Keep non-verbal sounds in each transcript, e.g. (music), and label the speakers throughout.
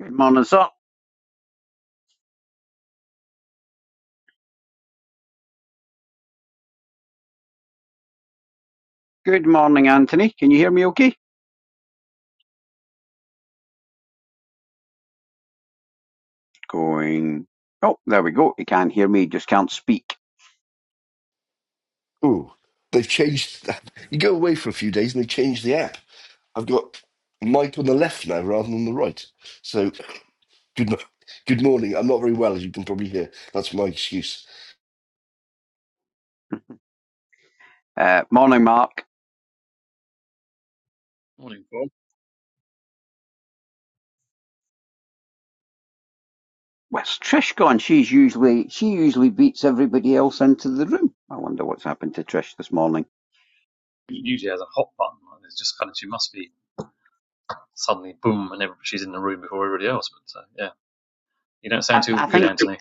Speaker 1: Good morning, sir. Good morning, Anthony. Can you hear me okay? Going. Oh, there we go. You can not hear me, just can't speak.
Speaker 2: Ooh, they've changed. (laughs) You go away for a few days and they change the app. I've got Mike on the left now rather than the right. So good, mo- good morning. I'm not very well, as you can probably hear. That's my excuse.
Speaker 1: (laughs) Uh, morning, Mark.
Speaker 3: Morning, Bob.
Speaker 1: Where's Trish gone? She's usually she usually beats everybody else into the room. I wonder what's happened to Trish this morning.
Speaker 3: It Usually has a hot button, and it's just kind of she must be suddenly boom, and every, she's in the room before everybody else. But uh, yeah, you don't sound
Speaker 1: I,
Speaker 3: too
Speaker 1: I
Speaker 3: good,
Speaker 1: think
Speaker 3: Anthony.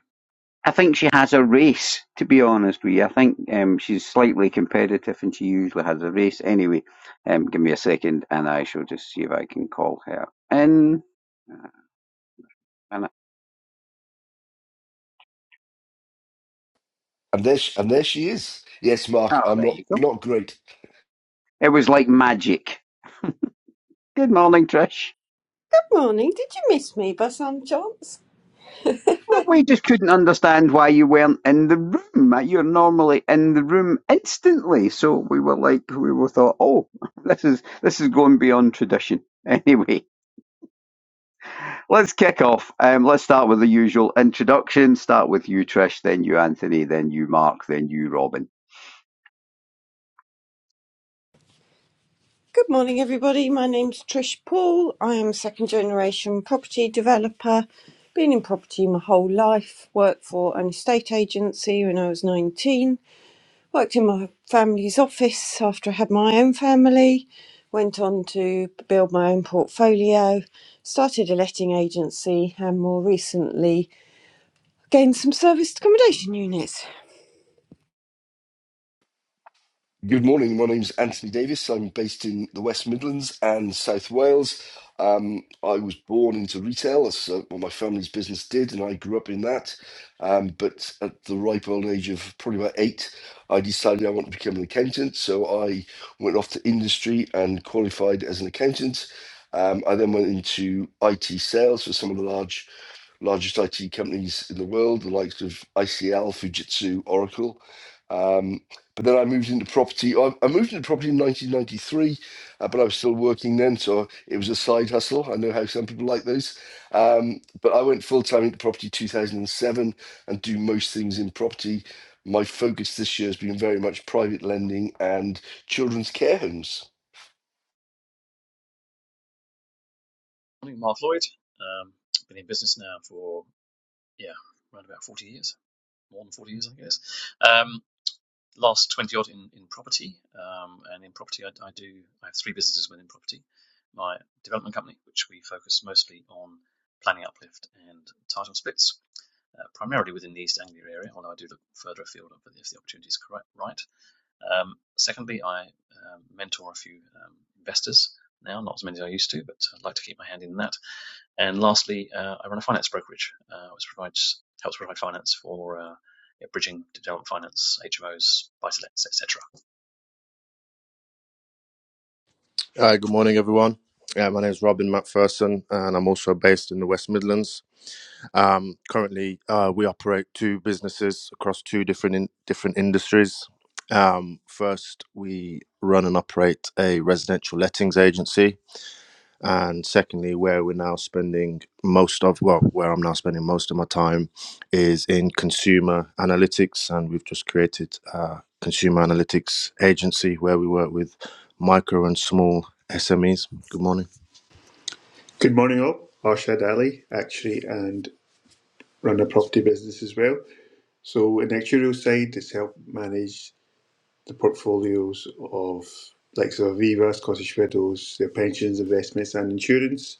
Speaker 1: I think she has a race. To be honest with you, I think um, she's slightly competitive, and she usually has a race. Anyway, um, give me a second, and I shall just see if I can call her in. And I,
Speaker 2: And there, sh- and there she is. Yes, Mark,
Speaker 1: oh,
Speaker 2: I'm
Speaker 1: there
Speaker 2: not
Speaker 1: you go.
Speaker 2: not great.
Speaker 1: It was like magic. Good morning, Trish.
Speaker 4: Morning. Did you miss me by some chance?
Speaker 1: Well, we just couldn't understand why you weren't in the room. You're normally in the room instantly, so we were like, we were thought, oh, (laughs) this is this is going beyond tradition. (laughs) Anyway, Let's kick off. Um, let's start with the usual introduction. Start with you, Trish, then you, Anthony, then you, Mark, then you, Robin.
Speaker 4: Good morning, everybody. My name's Trish Paul. I am a second generation property developer. Been in property my whole life. Worked for an estate agency when I was 19. Worked in my family's office after I had my own family. Went on to build my own portfolio. Started a letting agency and more recently gained some serviced accommodation units.
Speaker 2: Good morning. My name's Anthony Davis. I'm based in the West Midlands and South Wales. Um, I was born into retail, as uh, well, my family's business did, and I grew up in that. Um, but at the ripe old age of probably about eight, I decided I wanted to become an accountant. So I went off to industry and qualified as an accountant. Um, I then went into IT sales for some of the large largest IT companies in the world, the likes of ICL, Fujitsu, Oracle. Um, but then I moved into property. I, I moved into property in 1993, uh, but I was still working then, so it was a side hustle. I know how some people like those. Um, but I went full time into property 2007 and do most things in property. My focus this year has been very much private lending and children's care homes.
Speaker 3: Morning, Mark Lloyd. Um, been in business now for yeah, around about forty years, more than forty years, I guess. Um, last 20 odd in, in property. Um, and in property, I, I do, I have three businesses within property. My development company, which we focus mostly on planning uplift and title splits, uh, primarily within the East Anglia area, although I do look further afield if the if the opportunity is correct, right. Um, secondly, I um, mentor a few um, investors now, not as many as I used to, but I'd like to keep my hand in that. And lastly, uh, I run a finance brokerage, uh, which provides helps provide finance for uh, yeah, bridging development finance, HMOs, buy-to-lets, etc.
Speaker 5: Hi, good morning, everyone. Uh, my name is Robin McPherson, and I'm also based in the West Midlands. Um, currently, uh, we operate two businesses across two different in- different industries. Um, first, we run and operate a residential lettings agency and secondly where we're now spending most of well where i'm now spending most of my time is in consumer analytics and we've just created a consumer analytics agency where we work with micro and small smes good morning
Speaker 6: Good morning, all. Arshad Ali, actually, and run a property business as well. So, in the actuarial side, it's help manage the portfolios of likes of Aviva, Scottish Widows, their pensions, investments, and insurance.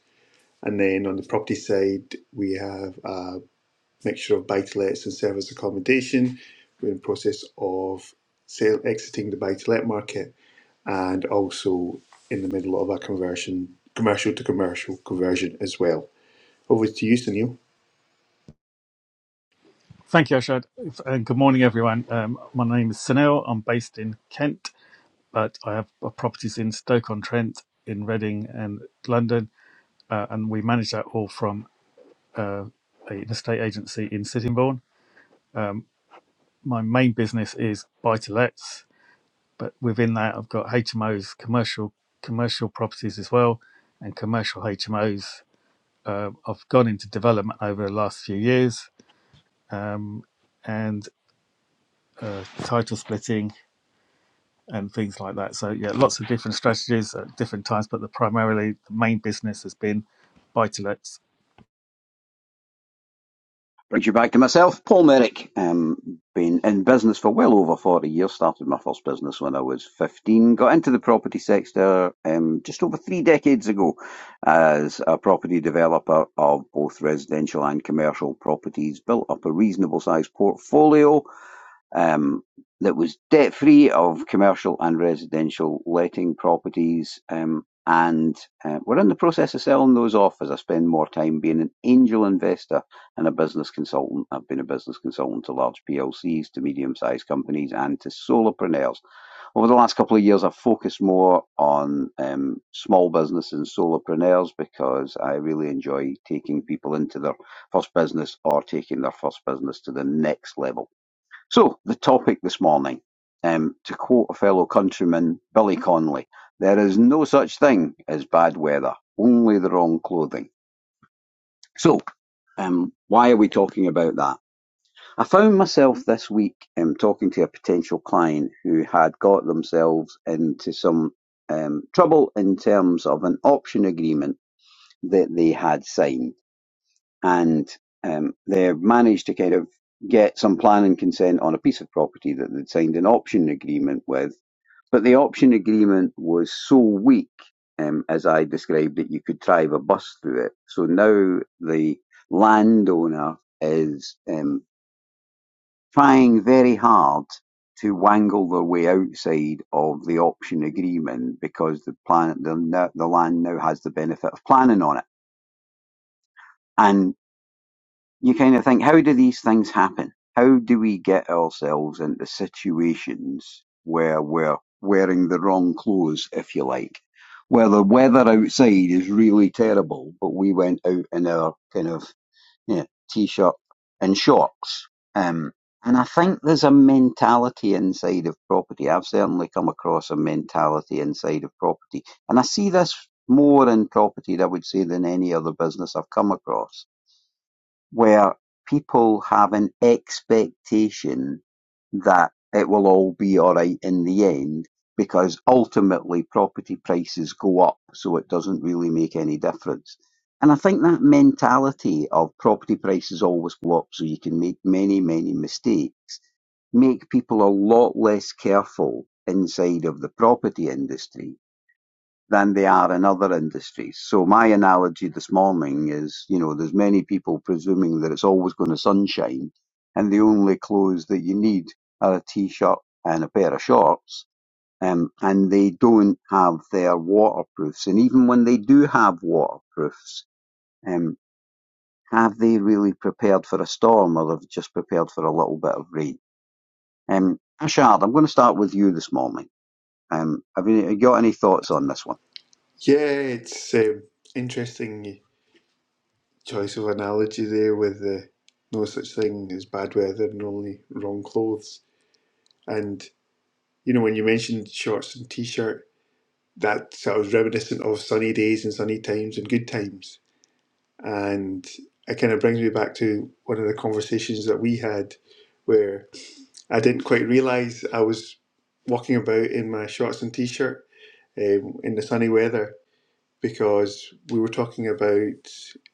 Speaker 6: And then on the property side, we have a mixture of buy to lets and service accommodation. We're in the process of sale, exiting the buy to let market and also in the middle of a conversion, commercial to commercial conversion as well. Over to you, Sunil.
Speaker 7: Thank you, Ashad. And good morning, everyone. Um, my name is Sunil. I'm based in Kent, but I have uh, properties in Stoke-on-Trent, in Reading, and London. Uh, and we manage that all from uh, an estate agency in Sittingbourne. Um, my main business is buy-to-lets, but within that, I've got HMOs, commercial commercial properties as well, and commercial HMOs. Uh, I've gone into development over the last few years um, and uh, title splitting and things like that. So yeah, lots of different strategies at different times, but the primarily the main business has been buy to lets.
Speaker 1: Brings you back to myself, Paul Merrick. Um, been in business for well over 40 years. Started my first business when I was 15. Got into the property sector um, just over three decades ago as a property developer of both residential and commercial properties. Built up a reasonable sized portfolio um, that was debt-free of commercial and residential letting properties. um, And uh, we're in the process of selling those off as I spend more time being an angel investor and a business consultant. I've been a business consultant to large PLCs, to medium-sized companies, and to solopreneurs. Over the last couple of years, I've focused more on um, small business and solopreneurs because I really enjoy taking people into their first business or taking their first business to the next level. So, the topic this morning, um, to quote a fellow countryman, Billy Connolly, there is no such thing as bad weather, only the wrong clothing. So, um, why are we talking about that? I found myself this week um, talking to a potential client who had got themselves into some um, trouble in terms of an option agreement that they had signed and um, they've managed to kind of get some planning consent on a piece of property that they'd signed an option agreement with. But the option agreement was so weak, um, as I described it, you could drive a bus through it. So now the landowner is um, trying very hard to wangle their way outside of the option agreement because the plan the, the land now has the benefit of planning on it. and. you kind of think, how do these things happen? How do we get ourselves into situations where we're wearing the wrong clothes, if you like? Where the weather outside is really terrible, but we went out in our kind of yeah, t shirt and shorts. Um, and I think there's a mentality inside of property. I've certainly come across a mentality inside of property. And I see this more in property, I would say, than any other business I've come across where people have an expectation that it will all be all right in the end because ultimately property prices go up, so it doesn't really make any difference. And I think that mentality of property prices always go up, so you can make many, many mistakes, make people a lot less careful inside of the property industry than they are in other industries. So my analogy this morning is, you know, there's many people presuming that it's always going to sunshine and the only clothes that you need are a t-shirt and a pair of shorts. Um, and they don't have their waterproofs. And even when they do have waterproofs, um, have they really prepared for a storm or they've just prepared for a little bit of rain? Um, Ashard, I'm going to start with you this morning. Um, have you have you got any thoughts on this one?
Speaker 6: Yeah, it's um, interesting choice of analogy there with the no such thing as bad weather and only wrong clothes. And you know, when you mentioned shorts and t-shirt, that sort of reminiscent of sunny days and sunny times and good times. And it kind of brings me back to one of the conversations that we had, where I didn't quite realise I was walking about in my shorts and t-shirt um, in the sunny weather because we were talking about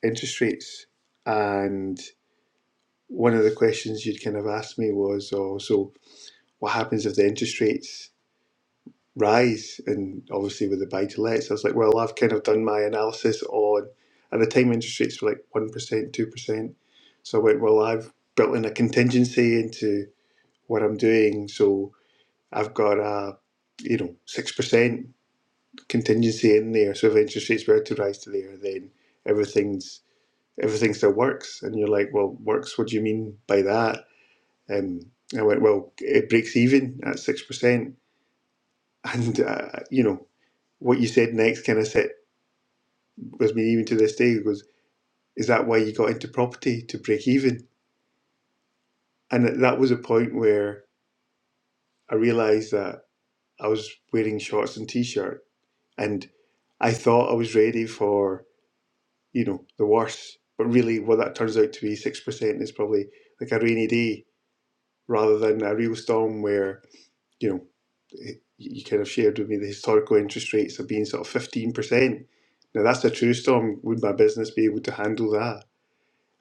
Speaker 6: interest rates and one of the questions you'd kind of asked me was oh so what happens if the interest rates rise and obviously with the buy to lets I was like well I've kind of done my analysis on at the time interest rates were like 1% 2% so I went well I've built in a contingency into what I'm doing so I've got a you know 6% contingency in there so if interest rates were to rise to there then everything's everything still works. And you're like, well, works, what do you mean by that? Um, I went, well, it breaks even at 6%. (laughs) And, uh, you know, what you said next kind of set with me even to this day. It goes, is that why you got into property to break even? And that that was a point where I realised that I was wearing shorts and t-shirt and I thought I was ready for, you know, the worst. But really what that turns out to be 6% is probably like a rainy day rather than a real storm where you know, it- you kind of shared with me the historical interest rates have been sort of fifteen percent. Now that's a true storm. Would my business be able to handle that?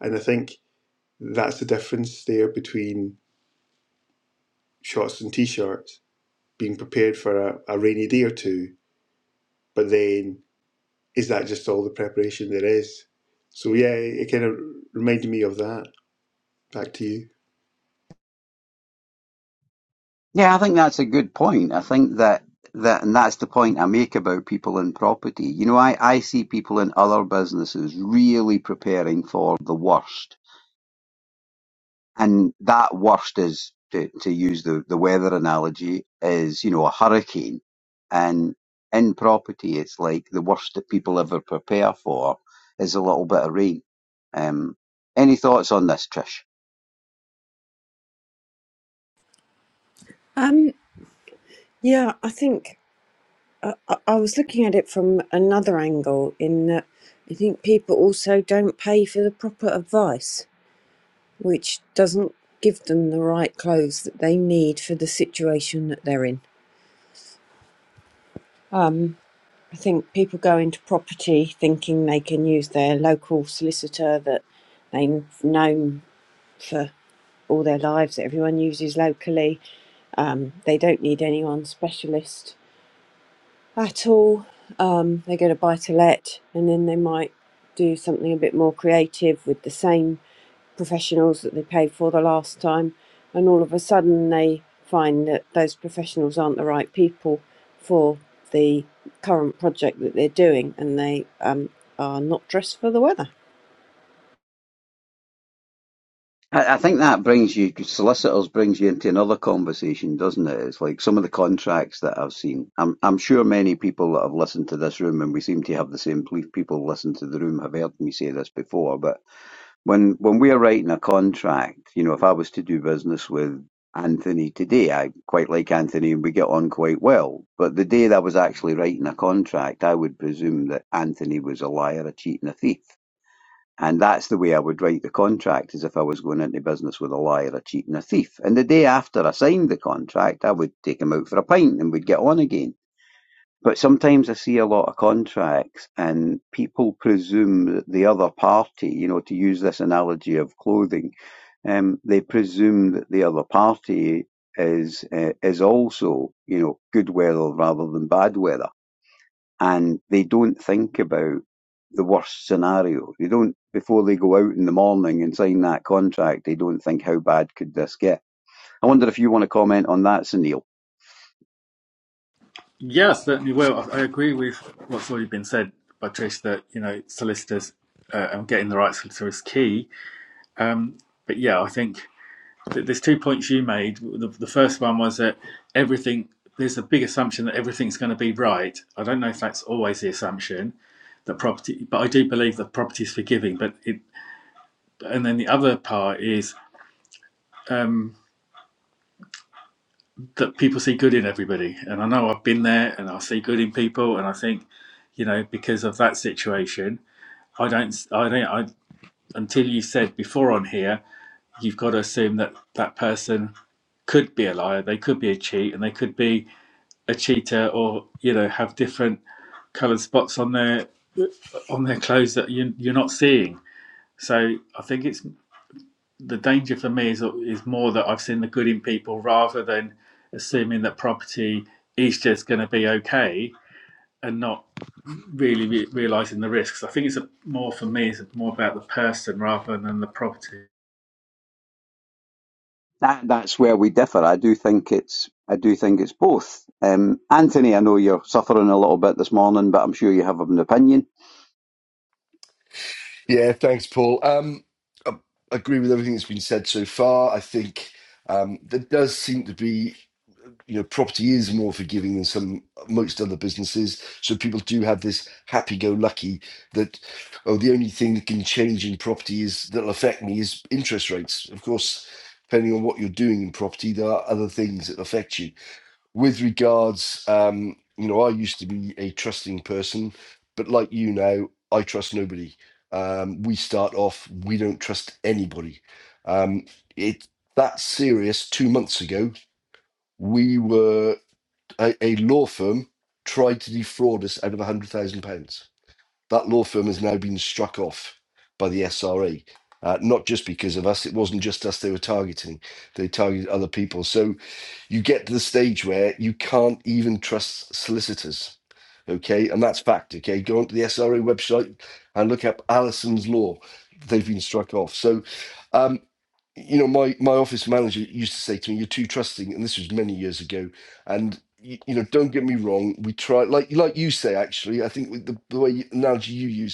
Speaker 6: And I think that's the difference there between shorts and t-shirts, being prepared for a, a rainy day or two, but then is that just all the preparation there is? So yeah, it kind of reminded me of that. Back to you.
Speaker 1: Yeah, I think that's a good point. I think that that and that's the point I make about people in property. You know, I, I see people in other businesses really preparing for the worst. And that worst is to, to use the, the weather analogy is, you know, a hurricane. And in property it's like the worst that people ever prepare for is a little bit of rain. Um any thoughts on this, Trish?
Speaker 4: Um, yeah, I think. I, I was looking at it from another angle in that I think people also don't pay for the proper advice, which doesn't give them the right clothes that they need for the situation that they're in. Um, I think people go into property thinking they can use their local solicitor that they've known for all their lives, that everyone uses locally. Um, they don't need anyone specialist at all. Um, they go to buy to let, and then they might do something a bit more creative with the same professionals that they paid for the last time, and all of a sudden they find that those professionals aren't the right people for the current project that they're doing, and they um, are not dressed for the weather.
Speaker 1: I, I think that brings you solicitors brings you into another conversation, doesn't it? It's like some of the contracts that I've seen. I'm I'm sure many people that have listened to this room, and we seem to have the same belief. People listen to the room have heard me say this before, but when when we are writing a contract, you know, if I was to do business with Anthony today, I quite like Anthony, and we get on quite well. But the day that I was actually writing a contract, I would presume that Anthony was a liar, a cheat, and a thief and that's the way I would write the contract, as if I was going into business with a liar, a cheat, and a thief. And the day after I signed the contract, I would take him out for a pint and we'd get on again. But sometimes I see a lot of contracts and people presume that the other party, you know, to use this analogy of clothing, um, they presume that the other party is uh, is also, you know, good weather rather than bad weather and they don't think about the worst scenario. They don't before they go out in the morning and sign that contract. They don't think how bad could this get. I wonder if you want to comment on that, Sunil.
Speaker 7: Yeah, certainly Well, I agree with what's already been said by Trish that, you know, solicitors uh, and getting the right solicitor is key. But yeah, I think that there's two points you made. The, the first one was that everything, there's a big assumption that everything's going to be right. I don't know if that's always the assumption that property, but I do believe that property is forgiving. But it, and then the other part is, um, that people see good in everybody. And I know I've been there and I see good in people and I think, you know, because of that situation, I don't I don't I until you said before on here, you've got to assume that that person could be a liar, they could be a cheat and they could be a cheater or, you know, have different colored spots on their on their clothes that you you're not seeing. So I think it's the danger for me is is more that I've seen the good in people rather than assuming that property is just going to be okay and not really re- realizing the risks. I think it's a, more for me. It's more about the person rather than the property.
Speaker 1: That that's where we differ. I do think it's I do think it's both. Um, Anthony, I know you're suffering a little bit this morning, but I'm sure you have an opinion.
Speaker 2: Yeah, thanks, Paul. Um, I I agree with everything that's been said so far. I think um, there does seem to be, you know, property is more forgiving than some most other businesses. So people do have this happy-go-lucky that, oh, the only thing that can change in property is that'll affect me is interest rates. Of course, depending on what you're doing in property, there are other things that affect you with regards um you know i used to be a trusting person but like you now i trust nobody um we start off we don't trust anybody um it that serious two months ago we were a, a law firm tried to defraud us out of a hundred thousand pounds that law firm has now been struck off by the SRA, uh, not just because of us. It wasn't just us they were targeting, they targeted other people. So you get to the stage where you can't even trust solicitors. Okay, and that's fact. Okay, go onto the SRA website and look up Allison's Law. They've been struck off. So, um, you know, my my office manager used to say to me, "You're too trusting," and this was many years ago. And y- you know, don't get me wrong, we try like like you say. Actually, I think with the, the way you, analogy you use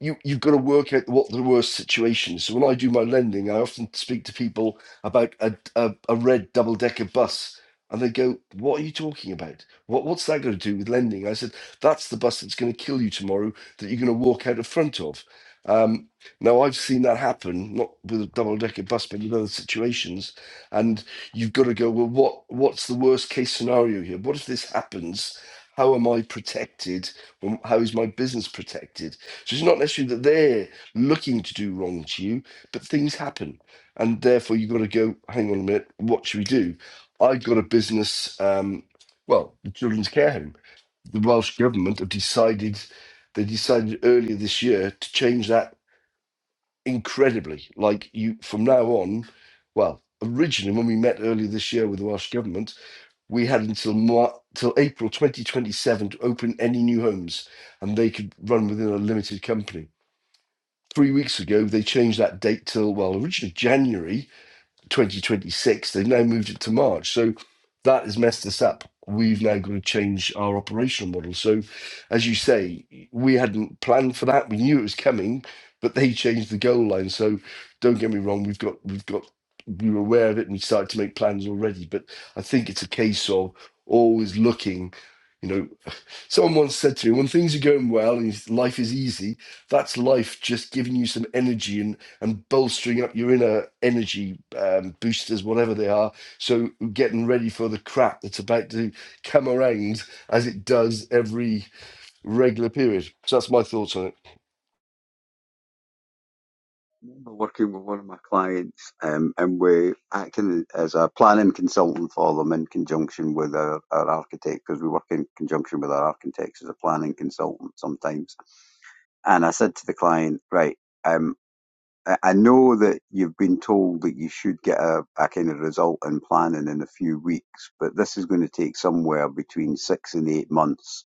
Speaker 2: you you've got to work out what the worst situation is. So when I do my lending, I often speak to people about a a, a red double decker bus, and they go, "What are you talking about? What what's that going to do with lending?" I said, "That's the bus that's going to kill you tomorrow. That you're going to walk out in front of." Um, now I've seen that happen, not with a double decker bus, but in other situations. And you've got to go, well, what what's the worst case scenario here? What if this happens? How am I protected? Um, How is my business protected? So it's not necessarily that they're looking to do wrong to you, but things happen. And therefore, you've got to go, hang on a minute, what should we do? I've got a business, um, well, the children's care home. The Welsh government have decided, they decided earlier this year to change that incredibly. Like you, from now on, well, originally when we met earlier this year with the Welsh government, we had until Mar- till April 2027 to open any new homes and they could run within a limited company three weeks ago, they changed that date till, well, originally January 2026. They've now moved it to March. So that has messed us up. We've now got to change our operational model. So, as you say, we hadn't planned for that. We knew it was coming, but they changed the goal line. So, don't get me wrong. We've got, we've got, we were aware of it and we started to make plans already. But I think it's a case of always looking. You know, Someone once said to me, when things are going well and life is easy, that's life just giving you some energy and, and bolstering up your inner energy um, boosters, whatever they are. So getting ready for the crap that's about to come around as it does every regular period. So that's my thoughts on it.
Speaker 1: I remember working with one of my clients, um, and we acting as a planning consultant for them in conjunction with our, our architect because we work in conjunction with our architects as a planning consultant sometimes. And I said to the client, right, um, I I know that you've been told that you should get a, a kind of result in planning in a few weeks, but this is going to take somewhere between six and eight months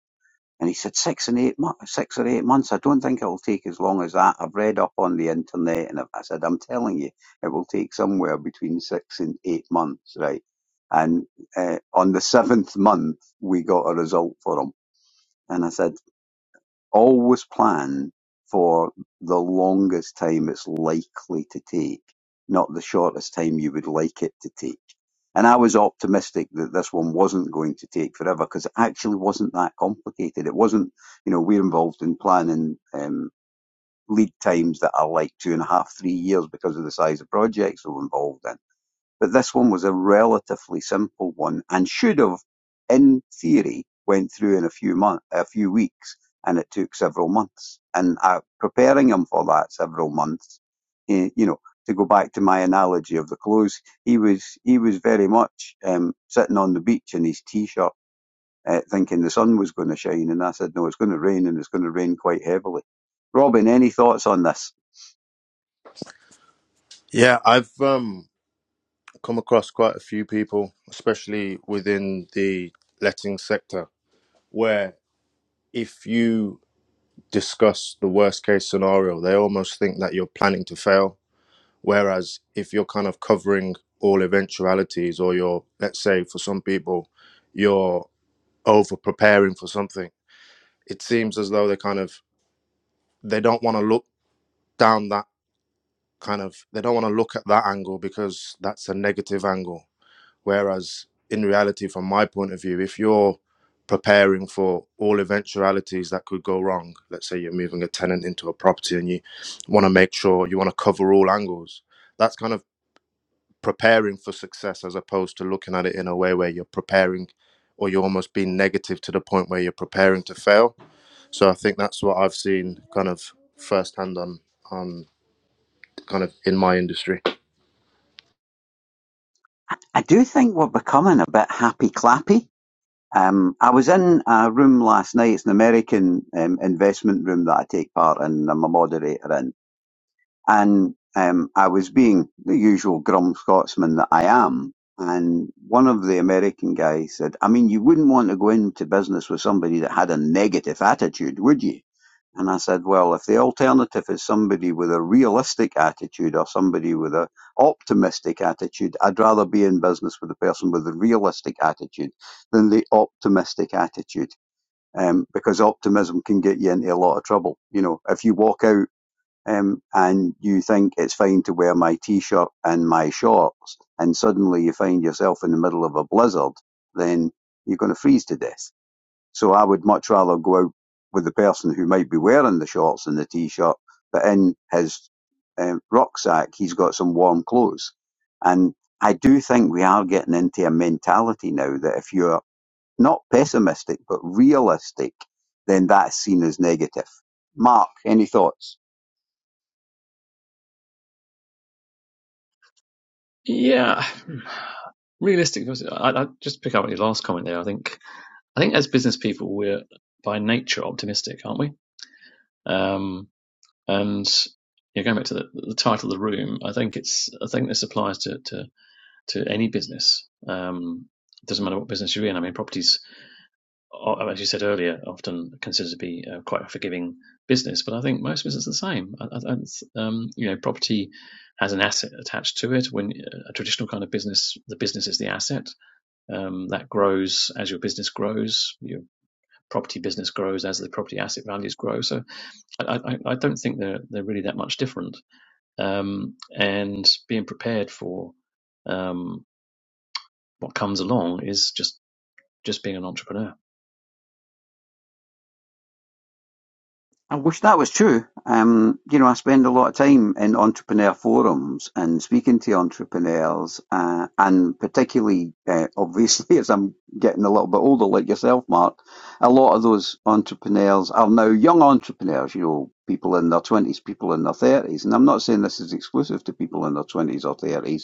Speaker 1: and he said, six and eight months, six or eight months. I don't think it will take as long as that. I've read up on the internet and I I said, I'm telling you, it will take somewhere between six and eight months, right? And uh, on the seventh month, we got a result for him. And I said, Always plan for the longest time it's likely to take, not the shortest time you would like it to take. And I was optimistic that this one wasn't going to take forever because it actually wasn't that complicated. It wasn't, you know, we're involved in planning um, lead times that are like two and a half, three years because of the size of projects we're involved in but this one was a relatively simple one and should have, in theory, went through in a few month, a few weeks, and it took several months. And uh, preparing him for that several months, he, you know, to go back to my analogy of the clothes, he was he was very much um, sitting on the beach in his t-shirt, uh, thinking the sun was going to shine, and I said, no, it's going to rain, and it's going to rain quite heavily. Robin, any thoughts on this?
Speaker 5: yeah i've um, come across quite a few people especially within the letting sector where if you discuss the worst case scenario they almost think that you're planning to fail Whereas if you're kind of covering all eventualities, or you're, let's say, for some people, you're over preparing for something, it seems as though they kind of they don't want to look down that kind of they don't want to look at that angle because that's a negative angle. Whereas in reality, from my point of view, if you're preparing for all eventualities that could go wrong, let's say you're moving a tenant into a property and you want to make sure you want to cover all angles. That's kind of preparing for success as opposed to looking at it in a way where you're preparing or you're almost being negative to the point where you're preparing to fail. So I think that's what I've seen kind of firsthand on on kind of in my industry.
Speaker 1: I do think we're becoming a bit happy clappy Um, I was in a room last night. It's an American um, investment room that I take part in. I'm a moderator in. And um, I was being the usual grum Scotsman that I am. And one of the American guys said, I mean, you wouldn't want to go into business with somebody that had a negative attitude, would you? And I said, well, if the alternative is somebody with a realistic attitude or somebody with a optimistic attitude, I'd rather be in business with the person with a realistic attitude than the optimistic attitude. Um, because optimism can get you into a lot of trouble. You know, if you walk out um, and you think it's fine to wear my t-shirt and my shorts, and suddenly you find yourself in the middle of a blizzard, then you're going to freeze to death. So I would much rather go out with the person who might be wearing the shorts and the t-shirt, but in his um, rucksack he's got some warm clothes. And I do think we are getting into a mentality now that if you're not pessimistic but realistic, then that's seen as negative. Mark, any thoughts?
Speaker 3: Yeah, realistic. I, I just pick up on your last comment there. I think I think as business people, we're by nature optimistic, aren't we? Um, and yeah, going back to the, the title of the room, I think it's I think this applies to, to to any business. Um, it doesn't matter what business you're in. I mean, properties, are, as you said earlier, often considered to be uh, quite a forgiving business, but I think most businesses are the same. I, I, um, you know, property has an asset attached to it. When uh, a traditional kind of business, the business is the asset um, that grows as your business grows. Your property business grows as the property asset values grow. So I, I, I don't think they're they're really that much different. Um, and being prepared for um, what comes along is just just being an entrepreneur.
Speaker 1: I wish that was true. Um, you know, I spend a lot of time in entrepreneur forums and speaking to entrepreneurs, uh, and particularly, uh, obviously, (laughs) as I'm getting a little bit older, like yourself, Mark, a lot of those entrepreneurs are now young entrepreneurs, you know, people in their 20s, people in their 30s. And I'm not saying this is exclusive to people in their 20s or 30s,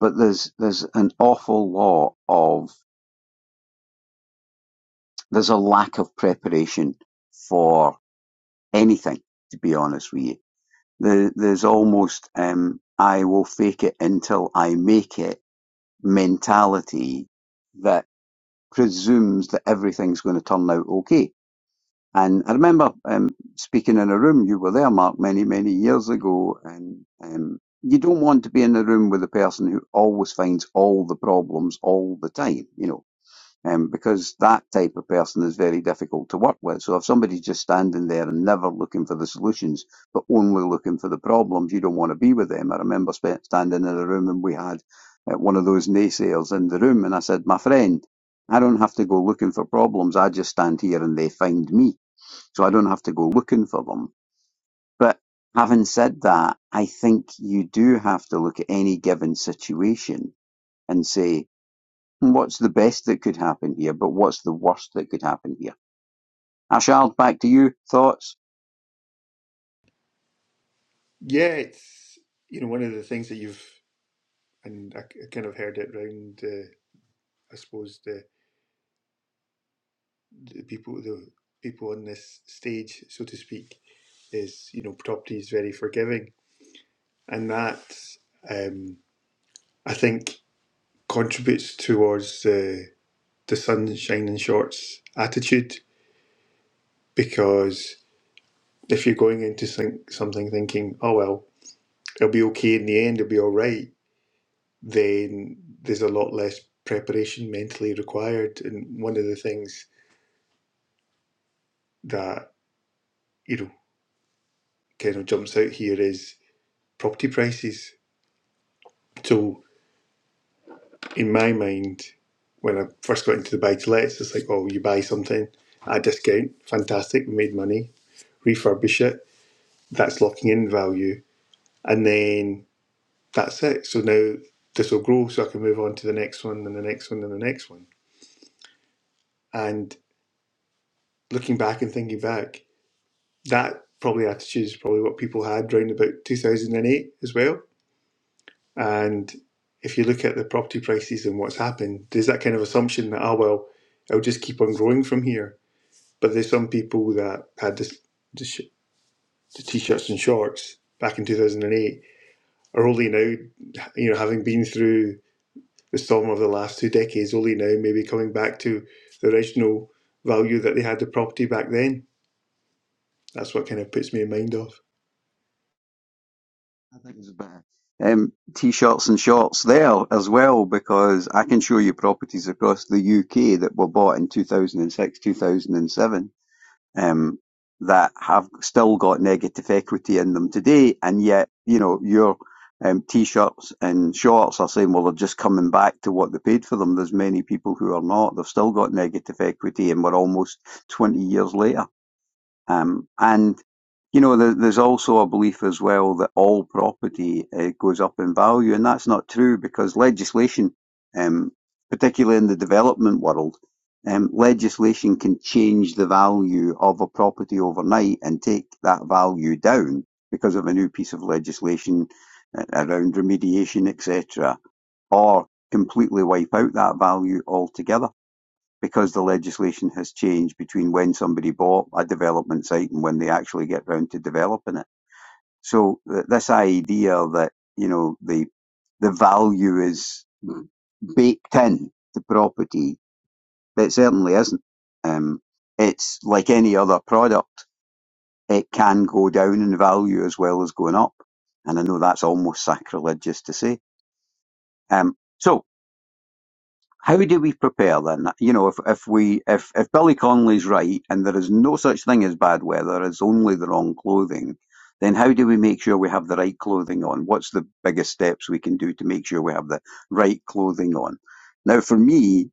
Speaker 1: but there's, there's an awful lot of, there's a lack of preparation for anything, to be honest with you There, there's almost um, I will fake it until I make it mentality that presumes that everything's going to turn out okay. And I remember um, speaking in a room, you were there, Mark, many, many years ago, and um, you don't want to be in a room with a person who always finds all the problems all the time. You know, um, because that type of person is very difficult to work with. So if somebody's just standing there and never looking for the solutions, but only looking for the problems, you don't want to be with them. I remember sp- standing in a room and we had uh, one of those naysayers in the room, and I said, "My friend." I don't have to go looking for problems. I just stand here and they find me. So I don't have to go looking for them. But having said that, I think you do have to look at any given situation and say, What's the best that could happen here? But what's the worst that could happen here? Ashard, back to you. Thoughts?
Speaker 6: Yeah, it's you know one of the things that you've and I, I kind of heard it round. Uh, I suppose the the people the people on this stage, so to speak, is you know property is very forgiving, and that um, I think contributes towards the the sun shining shorts attitude because if you're going into think, something thinking, oh well, it'll be okay in the end, it'll be all right, then there's a lot less preparation mentally required, and one of the things that you know kind of jumps out here is property prices. So in my mind, when I first got into the buy to lets, it's like, oh, you buy something at a discount, fantastic, we made money, refurbish it, that's locking in value, and then that's it. So now this will grow, so I can move on to the next one, and the next one, and the next one. And looking back and thinking back, that probably attitude is probably what people had round about 2008 as well. And if you look at the property prices and what's happened, there's that kind of assumption that, oh, well, it'll just keep on growing from here But there's some people that had this, the, the t-shirts and shorts back in 2008 are only now, you know, having been through the storm of the last two decades, only now maybe coming back to the original value that they had the property back then. That's what kind of puts me in mind of.
Speaker 1: I think it's a bit um, t-shirts and shorts there as well because I can show you properties across the UK that were bought in 2006, 2007 um, that have still got negative equity in them today, and yet you know your um, t-shirts and shorts are saying, well, they're just coming back to what they paid for them. There's many people who are not. They've still got negative equity, and we're almost 20 years later. Um, and you know, there, there's also a belief as well that all property uh, goes up in value, and that's not true because legislation, um, particularly in the development world, um, legislation can change the value of a property overnight and take that value down because of a new piece of legislation uh, around remediation, etc., or completely wipe out that value altogether because the legislation has changed between when somebody bought a development site and when they actually get round to developing it. So th- this idea that you know the the value is baked in to property, it certainly isn't. Um, it's like any other product; it can go down in value as well as going up. And I know that's almost sacrilegious to say. Um, so how do we prepare then? You know, if if we if if Billy Connolly's right and there is no such thing as bad weather, it's only the wrong clothing, then how do we make sure we have the right clothing on? What's the biggest steps we can do to make sure we have the right clothing on? Now, for me,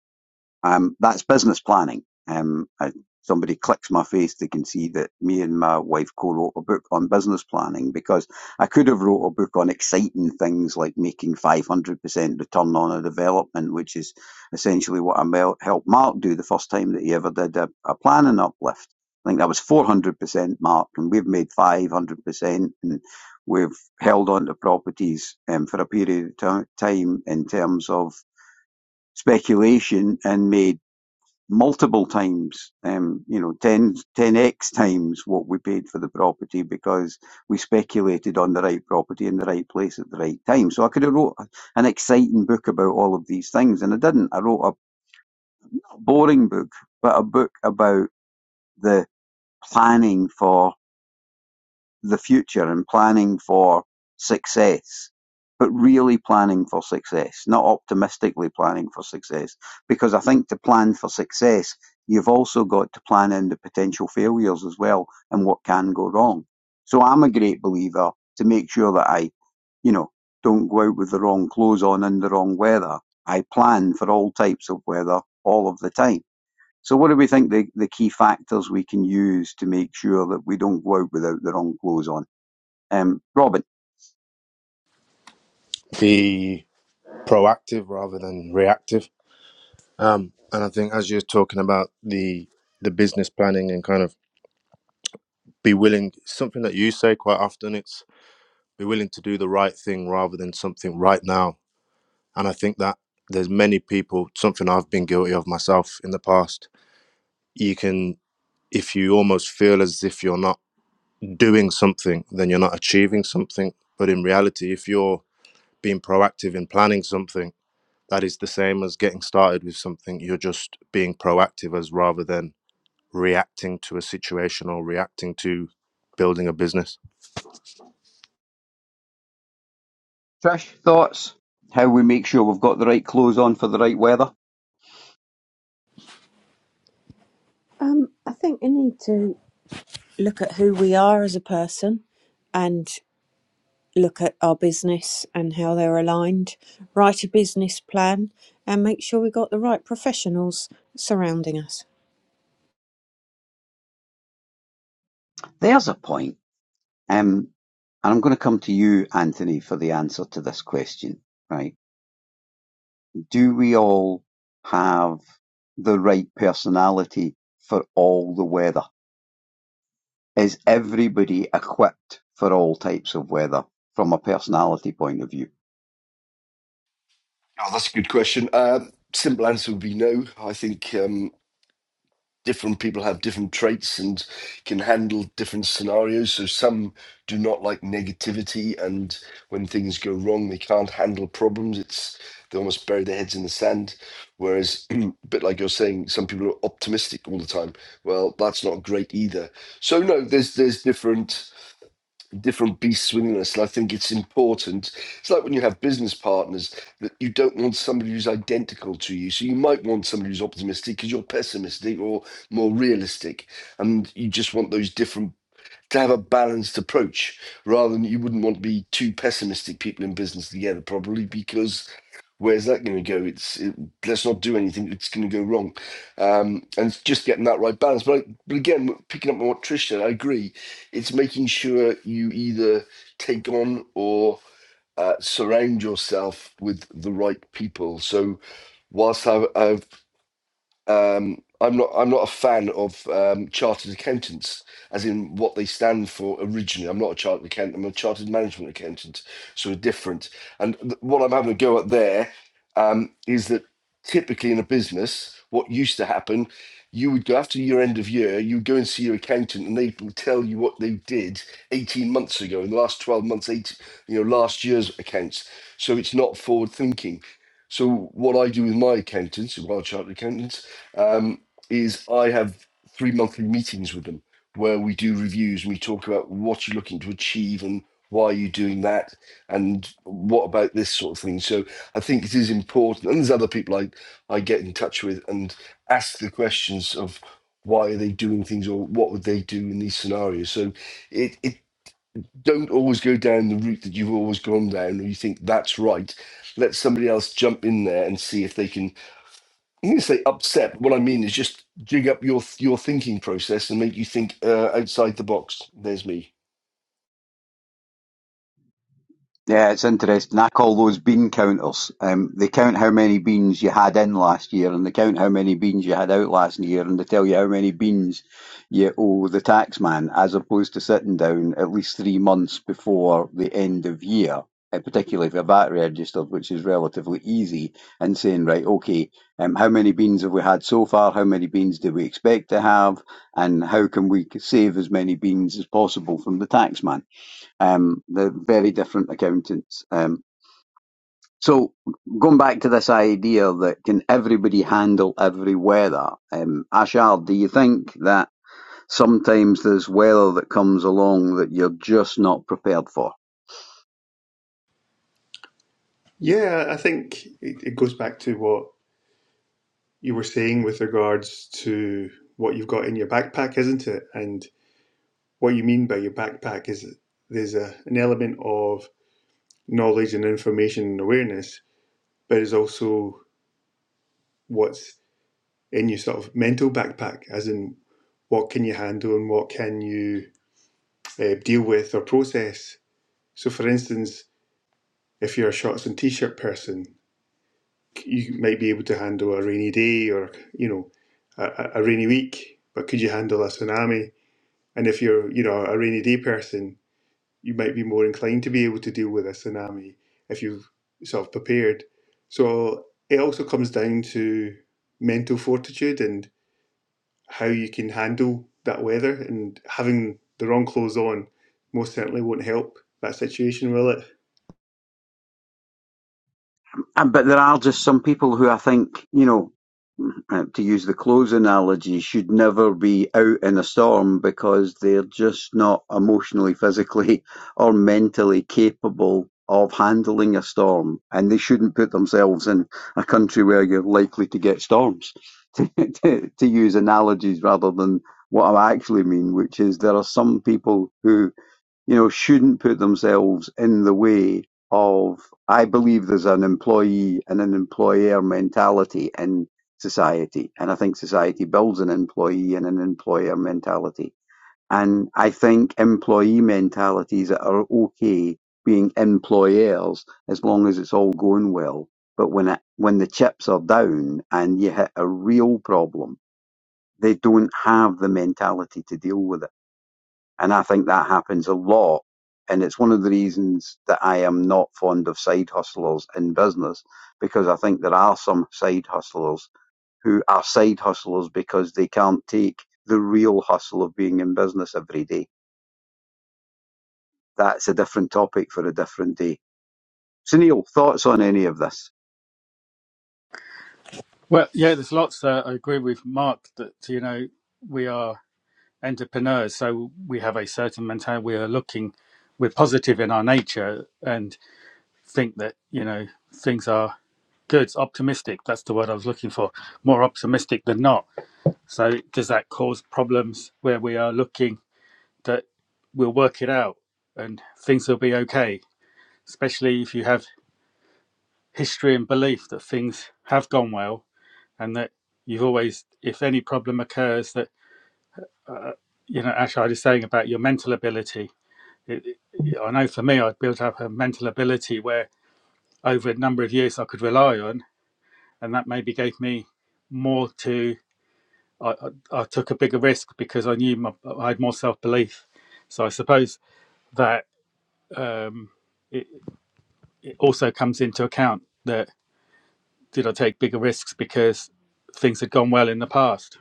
Speaker 1: um, that's business planning. Um, I, somebody clicks my face, they can see that me and my wife co-wrote a book on business planning because I could have wrote a book on exciting things like making 500% return on a development, which is essentially what I helped Mark do the first time that he ever did a, a planning uplift. I think that was 400% Mark and we've made 500% and we've held on to properties um, for a period of time in terms of speculation and made multiple times, um, you know, ten, ten x times what we paid for the property because we speculated on the right property in the right place at the right time. So I could have wrote an exciting book about all of these things and I didn't. I wrote a boring book, but a book about the planning for the future and planning for success, but really planning for success, not optimistically planning for success. Because I think to plan for success, you've also got to plan in the potential failures as well and what can go wrong. So I'm a great believer to make sure that I, you know, don't go out with the wrong clothes on in the wrong weather. I plan for all types of weather all of the time. So what do we think the, the key factors we can use to make sure that we don't go out without the wrong clothes on? Um, Robin,
Speaker 5: Be proactive rather than reactive. Um, and I think as you're talking about the the business planning and kind of be willing something that you say quite often it's be willing to do the right thing rather than something right now And I think that there's many people, something I've been guilty of myself in the past. You can, if you almost feel as if you're not doing something, then you're not achieving something. But in reality, if you're being proactive in planning something, that is the same as getting started with something. You're just being proactive as rather than reacting to a situation or reacting to building a business.
Speaker 1: Trish, thoughts? How we make sure we've got the right clothes on for the right weather?
Speaker 4: Um, I think you need to look at who we are as a person and look at our business and how they're aligned, write a business plan, and make sure we got the right professionals surrounding us.
Speaker 1: There's a point. Um, and I'm going to come to you, Anthony, for the answer to this question, right? Do we all have the right personality for all the weather? Is everybody equipped for all types of weather from a personality point of view?
Speaker 2: Oh, that's a good question. Um, simple answer would be no. I think. Um, different people have different traits and can handle different scenarios. So some do not like negativity, and when things go wrong, they can't handle problems. It's they almost bury their heads in the sand. Whereas, (clears throat) a bit like you're saying, some people are optimistic all the time. Well, that's not great either. So no, there's there's different different beasts within us. And I think it's important. It's like when you have business partners that you don't want somebody who's identical to you. So you might want somebody who's optimistic because you're pessimistic or more realistic. And you just want those different to have a balanced approach rather than you wouldn't want to be two pessimistic people in business together, probably because where's that going to go? It's it, let's not do anything that's going to go wrong, um, and it's just getting that right balance. But, I, but again, picking up on what Trish said, I agree. It's making sure you either take on or uh, surround yourself with the right people. So whilst I've, I've um, I'm not I'm not a fan of um, chartered accountants, as in what they stand for originally. I'm not a chartered accountant. I'm a chartered management accountant, so different. And th- what I'm having a go at there um, is that typically in a business, what used to happen, you would go after your end of year, you would go and see your accountant, and they would tell you what they did 18 months ago, in the last 12 months, eight, you know, last year's accounts. So it's not forward thinking. So what I do with my accountants, well, chartered accountants um, is I have three monthly meetings with them where we do reviews and we talk about what you're looking to achieve and why you're doing that and what about this sort of thing. So I think it is important. And there's other people I, I get in touch with and ask the questions of why are they doing things or what would they do in these scenarios. So it, it don't always go down the route that you've always gone down or you think that's right. Let somebody else jump in there and see if they can I'm going to say upset. but What I mean is just jig up your your thinking process and make you think uh, outside the box. There's me.
Speaker 1: Yeah, it's interesting. I call those bean counters. Um, they count how many beans you had in last year, and they count how many beans you had out last year, and they tell you how many beans you owe the tax man, as opposed to sitting down at least three months before the end of year, uh, particularly if you're VAT registered, which is relatively easy, and saying, right, okay, um, how many beans have we had so far? How many beans do we expect to have? And how can we save as many beans as possible from the taxman? Um, they're very different accountants. Um, so going back to this idea that can everybody handle every weather, um, Ashard, do you think that sometimes there's weather that comes along that you're just not prepared for?
Speaker 6: Yeah, I think it, it goes back to what you were saying with regards to what you've got in your backpack, isn't it? And what you mean by your backpack is there's a, an element of knowledge and information and awareness but is also what's in your sort of mental backpack, as in what can you handle and what can you uh, deal with or process. So, for instance, if you're a shorts and t-shirt person, you might be able to handle a rainy day or you know a, a a rainy week, but could you handle a tsunami? And if you're you know a rainy day person, you might be more inclined to be able to deal with a tsunami if you've sort of prepared. So it also comes down to mental fortitude and how you can handle that weather and having the wrong clothes on most certainly won't help that situation, will it?
Speaker 1: And, but there are just some people who I think, you know, uh, to use the clothes analogy, should never be out in a storm because they're just not emotionally, physically, (laughs) or mentally capable of handling a storm. And they shouldn't put themselves in a country where you're likely to get storms, (laughs) to, to, to use analogies rather than what I actually mean, which is there are some people who you know, shouldn't put themselves in the way of, I believe there's an employee and an employer mentality in society. And I think society builds an employee and an employer mentality. And I think employee mentalities are okay being employers as long as it's all going well. But when it, when the chips are down and you hit a real problem, they don't have the mentality to deal with it and I think that happens a lot. And it's one of the reasons that I am not fond of side hustlers in business because I think there are some side hustlers who are side hustlers because they can't take the real hustle of being in business every day. That's a different topic for a different day. So, Neil, thoughts on any of this?
Speaker 7: Well, yeah, there's lots that I agree with Mark that, you know, we are entrepreneurs. So we have a certain mentality. We are looking, we're positive in our nature and think that, you know, things are good, optimistic. That's the word I was looking for. More optimistic than not. So does that cause problems where we are looking that we'll work it out and things will be okay? especially if you have history and belief that things have gone well and that you've always if any problem occurs that you know ash i was saying about your mental ability it, it- i know for me i built up a mental ability where over a number of years i could rely on and that maybe gave me more to i, I, I took a bigger risk because i knew my, i had more self-belief so i suppose that um, it, it also comes into account that. did I take bigger risks because things had gone well in the past?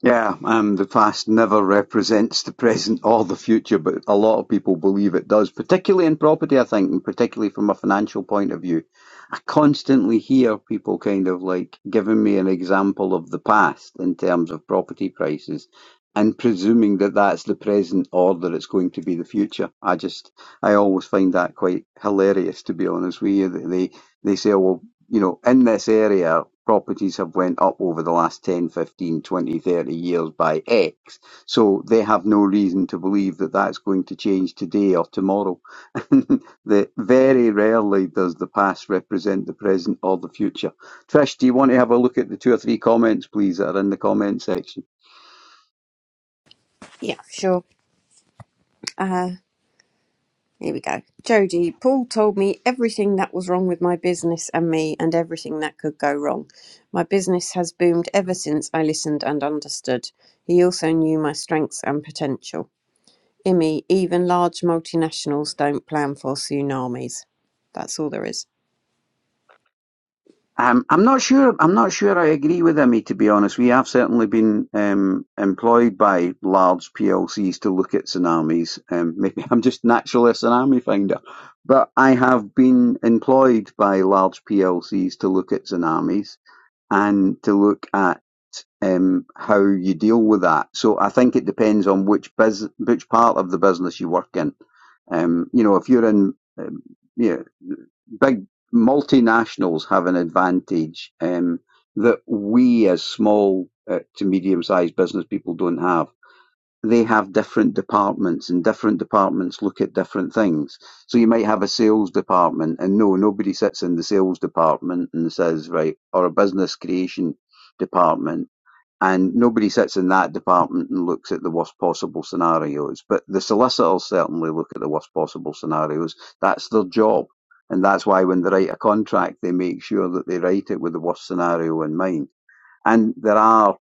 Speaker 1: Yeah, um, the past never represents the present (laughs) or the future, but a lot of people believe it does, particularly in property, I think, and particularly from a financial point of view. I constantly hear people kind of like giving me an example of the past in terms of property prices and presuming that that's the present or that it's going to be the future. I just, I always find that quite hilarious, to be honest with you. They, they say, well, you know, in this area, properties have went up over the last 10, 15, 20, 30 years by X. So they have no reason to believe that that's going to change today or tomorrow. (laughs) the, very rarely does the past represent the present or the future. Trish, do you want to have a look at the two or three comments, please, that are in the comment section?
Speaker 4: Yeah, sure. Uh, here we go. Jody, Paul told me everything that was wrong with my business and me, and everything that could go wrong. My business has boomed ever since I listened and understood. He also knew my strengths and potential. Imi, even large multinationals don't plan for tsunamis. That's all there is.
Speaker 1: Um, I'm not sure. I'm not sure. I agree with Emmy. To be honest, we have certainly been um, employed by large PLCs to look at tsunamis. Um, (laughs) maybe I'm just naturally a tsunami finder, but I have been employed by large PLCs to look at tsunamis and to look at um, how you deal with that. So I think it depends on which bus- which part of the business you work in. Um, you know, if you're in, um, yeah, big multinationals have an advantage um, that we as small uh, to medium-sized business people don't have. They have different departments, and different departments look at different things. So you might have a sales department, and no, nobody sits in the sales department and says, right, or a business creation department and nobody sits in that department and looks at the worst possible scenarios. But the solicitors certainly look at the worst possible scenarios. That's their job. And that's why when they write a contract, they make sure that they write it with the worst scenario in mind. And there are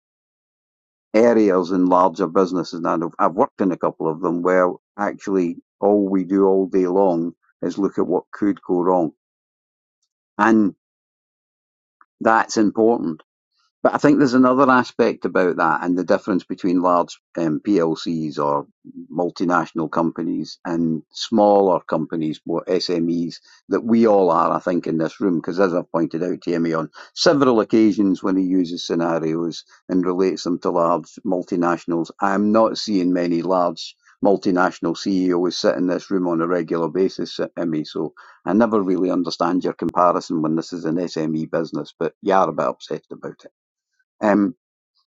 Speaker 1: areas in larger businesses, and I've worked in a couple of them, where actually all we do all day long is look at what could go wrong. And that's important But I think there's another aspect about that and the difference between large um, PLCs or multinational companies and smaller companies, more SMEs, that we all are, I think, in this room. Because as I've pointed out to Emmy on several occasions when he uses scenarios and relates them to large multinationals, I'm not seeing many large multinational CEOs sit in this room on a regular basis, Emmy. So I never really understand your comparison when this is an SME business, but you are a bit obsessed about it. Um,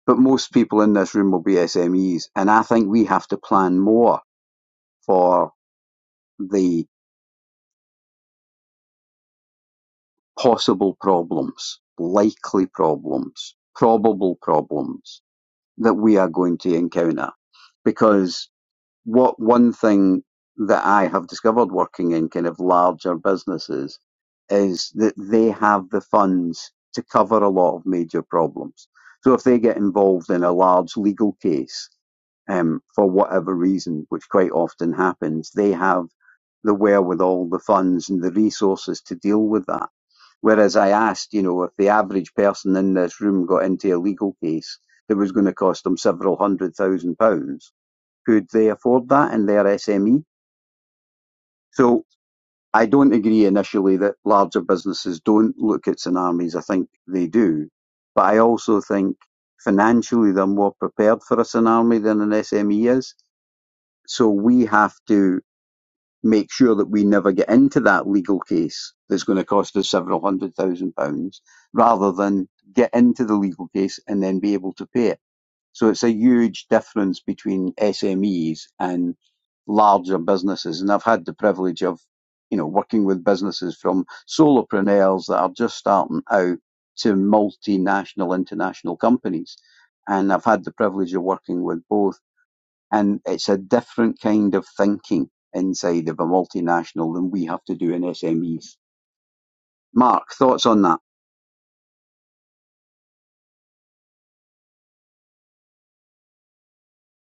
Speaker 1: but most people in this room will be SMEs, and I think we have to plan more for the possible problems, likely problems, probable problems that we are going to encounter, because what one thing that I have discovered working in kind of larger businesses is that they have the funds to cover a lot of major problems. So if they get involved in a large legal case, um, for whatever reason, which quite often happens, they have the wherewithal, the funds and the resources to deal with that. Whereas I asked, you know, if the average person in this room got into a legal case that was going to cost them several hundred thousand pounds, could they afford that in their SME? So I don't agree initially that larger businesses don't look at tsunamis. I think they do. But I also think financially they're more prepared for a tsunami than an SME is. So we have to make sure that we never get into that legal case that's going to cost us several hundred thousand pounds rather than get into the legal case and then be able to pay it. So it's a huge difference between SMEs and larger businesses. And I've had the privilege of, you know, working with businesses from solopreneurs that are just starting out to multinational, international companies. And I've had the privilege of working with both. And it's a different kind of thinking inside of a multinational than we have to do in SMEs. Mark, thoughts on that?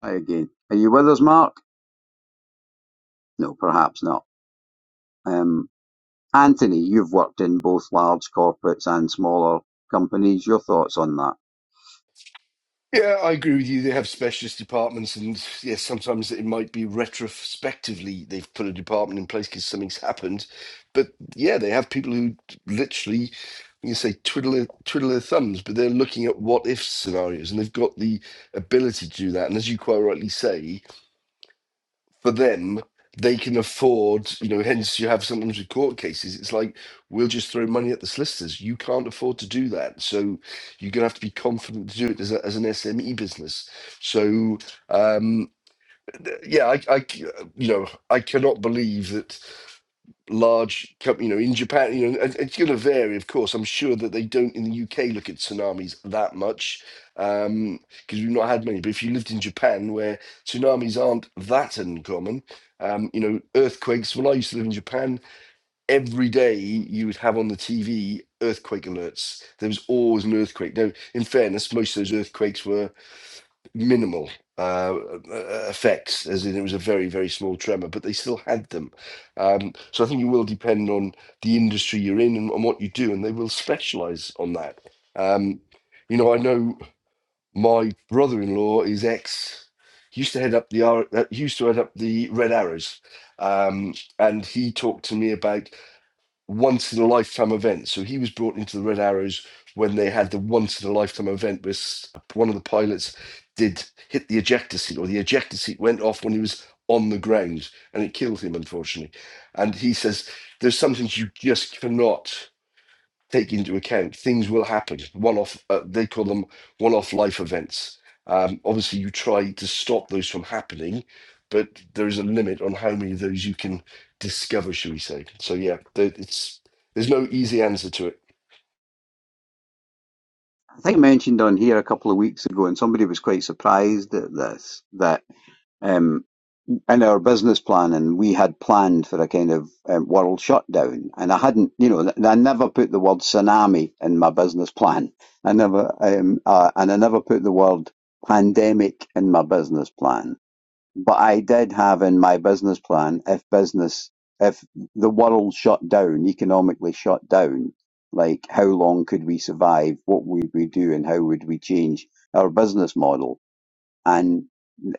Speaker 1: Hi again. Are you with us, Mark? No, perhaps not. Um, Anthony, you've worked in both large corporates and smaller companies. Your thoughts on that?
Speaker 2: Yeah, I agree with you. They have specialist departments, and yes, sometimes it might be retrospectively they've put a department in place because something's happened. But yeah, they have people who literally, you can say, twiddle their, twiddle their thumbs, but they're looking at what if scenarios, and they've got the ability to do that. And as you quite rightly say, for them, they can afford, you know, hence you have sometimes with court cases, it's like, we'll just throw money at the solicitors. You can't afford to do that. So you're going to have to be confident to do it as, a, as an SME business. So, um, th- yeah, I, I c- uh, you know, I cannot believe that large com- you know in japan you know it- it's going to vary of course i'm sure that they don't in the uk look at tsunamis that much um because we've not had many but if you lived in japan where tsunamis aren't that uncommon um you know earthquakes when i used to live in japan every day you would have on the tv earthquake alerts there was always an earthquake now in fairness most of those earthquakes were minimal uh, uh, uh, effects, as in it was a very, very small tremor, but they still had them. Um, so I think it will depend on the industry you're in and, and what you do, and they will specialize on that. Um, you know, I know my brother-in-law is ex. He used to head up the R, uh, he used to head up the Red Arrows, um, and he talked to me about once in a lifetime event. So he was brought into the Red Arrows when they had the once in a lifetime event where one of the pilots did hit the ejector seat, or the ejector seat went off when he was on the ground and it killed him, unfortunately. And he says, There's some things you just cannot take into account things will happen one off uh, they call them one off life events um, obviously you try to stop those from happening but there is a limit on how many of those you can discover should we say so yeah there, it's there's no easy answer to it
Speaker 1: I think I mentioned on here a couple of weeks ago, and somebody was quite surprised at this, that um, in our business plan, and we had planned for a kind of um, world shutdown. And I hadn't, you know, I never put the word tsunami in my business plan. I never, um, uh, and I never put the word pandemic in my business plan. But I did have in my business plan if business, if the world shut down, economically shut down, like how long could we survive? What would we do and how would we change our business model? And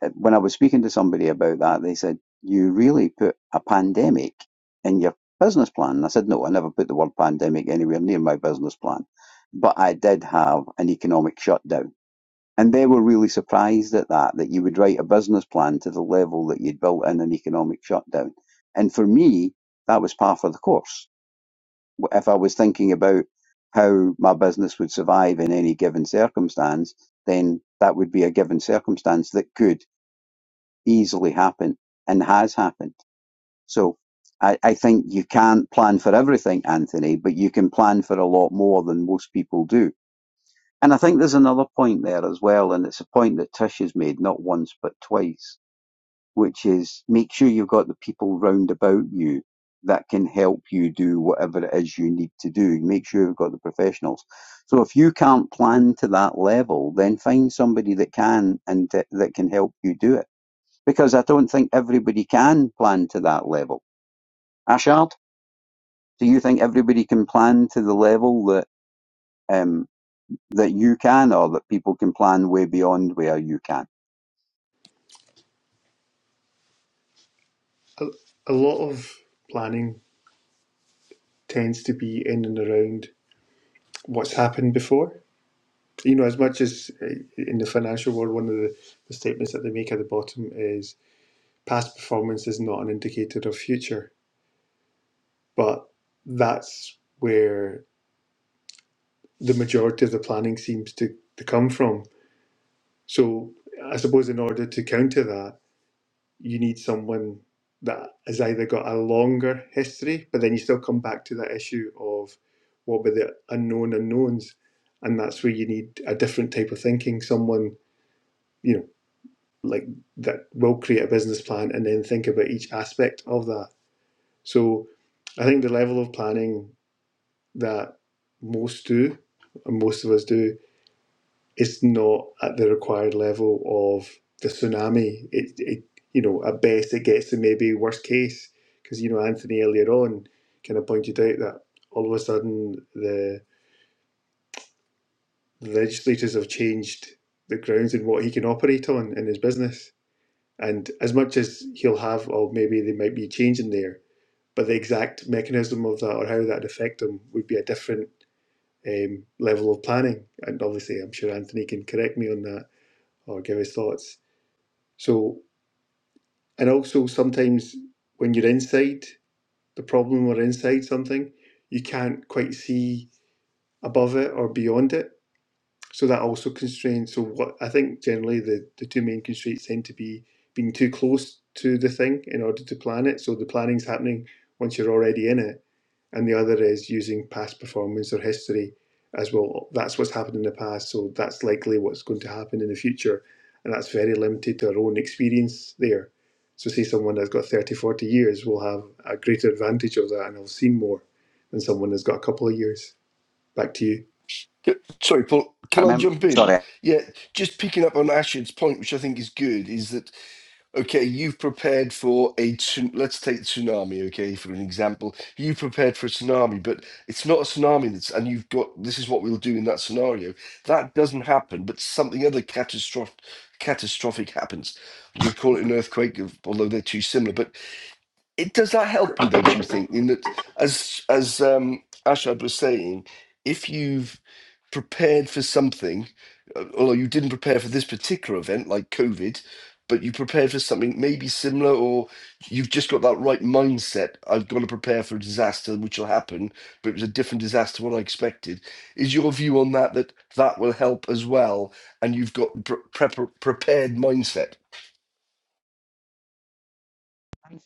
Speaker 1: uh, when I was speaking to somebody about that, they said, You really put a pandemic in your business plan? And I said, No, I never put the word pandemic anywhere near my business plan. But I did have an economic shutdown and they were really surprised at that, that you would write a business plan to the level that you'd built in an economic shutdown. And for me, that was par for the course. If I was thinking about how my business would survive in any given circumstance, then that would be a given circumstance that could easily happen and has happened. So I, I think you can't plan for everything, Anthony, but you can plan for a lot more than most people do and I think there's another point there as well, and it's a point that Tish has made not once but twice, which is make sure you've got the people round about you that can help you do whatever it is you need to do. Make sure you've got the professionals. So if you can't plan to that level, then find somebody that can and t- that can help you do it. Because I don't think everybody can plan to that level. Ashard, do you think everybody can plan to the level that um, that you can or that people can plan way beyond where you can.
Speaker 6: A, a lot of planning tends to be in and around what's happened before. You know, as much as uh, in the financial world, one of the, the statements that they make at the bottom is past performance is not an indicator of future. But that's where the majority of the planning seems to, to come from. So I suppose in order to counter that, you need someone that has either got a longer history, but then you still come back to that issue of what were the unknown unknowns, and that's where you need a different type of thinking. Someone you know like that will create a business plan and then think about each aspect of that. So I think the level of planning that most do, and most of us do, it's not at the required level of the tsunami. It, it you know, at best it gets to maybe worst case because you know Anthony earlier on kind of pointed out that all of a sudden the legislators have changed the grounds in what he can operate on in his business. And as much as he'll have, or maybe they might be changing there, but the exact mechanism of that or how that'd affect him would be a different um, level of planning. And obviously, I'm sure Anthony can correct me on that or give his thoughts So, and also sometimes when you're inside the problem or inside something, you can't quite see above it or beyond it. So that also constrains. So what I think generally the, the two main constraints tend to be being too close to the thing in order to plan it. So the planning's happening once you're already in it and the other is using past performance or history as well. That's what's happened in the past, so that's likely what's going to happen in the future, and that's very limited to our own experience there. So, say someone that's got 30, 40 years will have a greater advantage of that and will have seen more than someone that's got a couple of years. Back to you.
Speaker 2: Yeah, sorry paul
Speaker 1: I
Speaker 2: can i
Speaker 1: remember,
Speaker 2: jump in
Speaker 1: sorry,
Speaker 2: yeah just picking up on ashid's point which i think is good is that Okay, you've prepared for a tsun- let's take tsunami, okay, for an example. You prepared for a tsunami, but it's not a tsunami that's and you've got this is what we'll do in that scenario. That doesn't happen, but something other catastrophic catastrophic happens. I'm gonna call it an earthquake, of- although they're too similar. But it does that help you though, do you think? In that as as um Ashad was saying, if you've prepared for something, uh, although you didn't prepare for this particular event, like COVID, but you prepared for something maybe similar, or you've just got that right mindset. I've got to prepare for a disaster, which will happen, but it was a different disaster to what I expected. Is your view on that that that will help as well? And you've got pr- prep prepared mindset.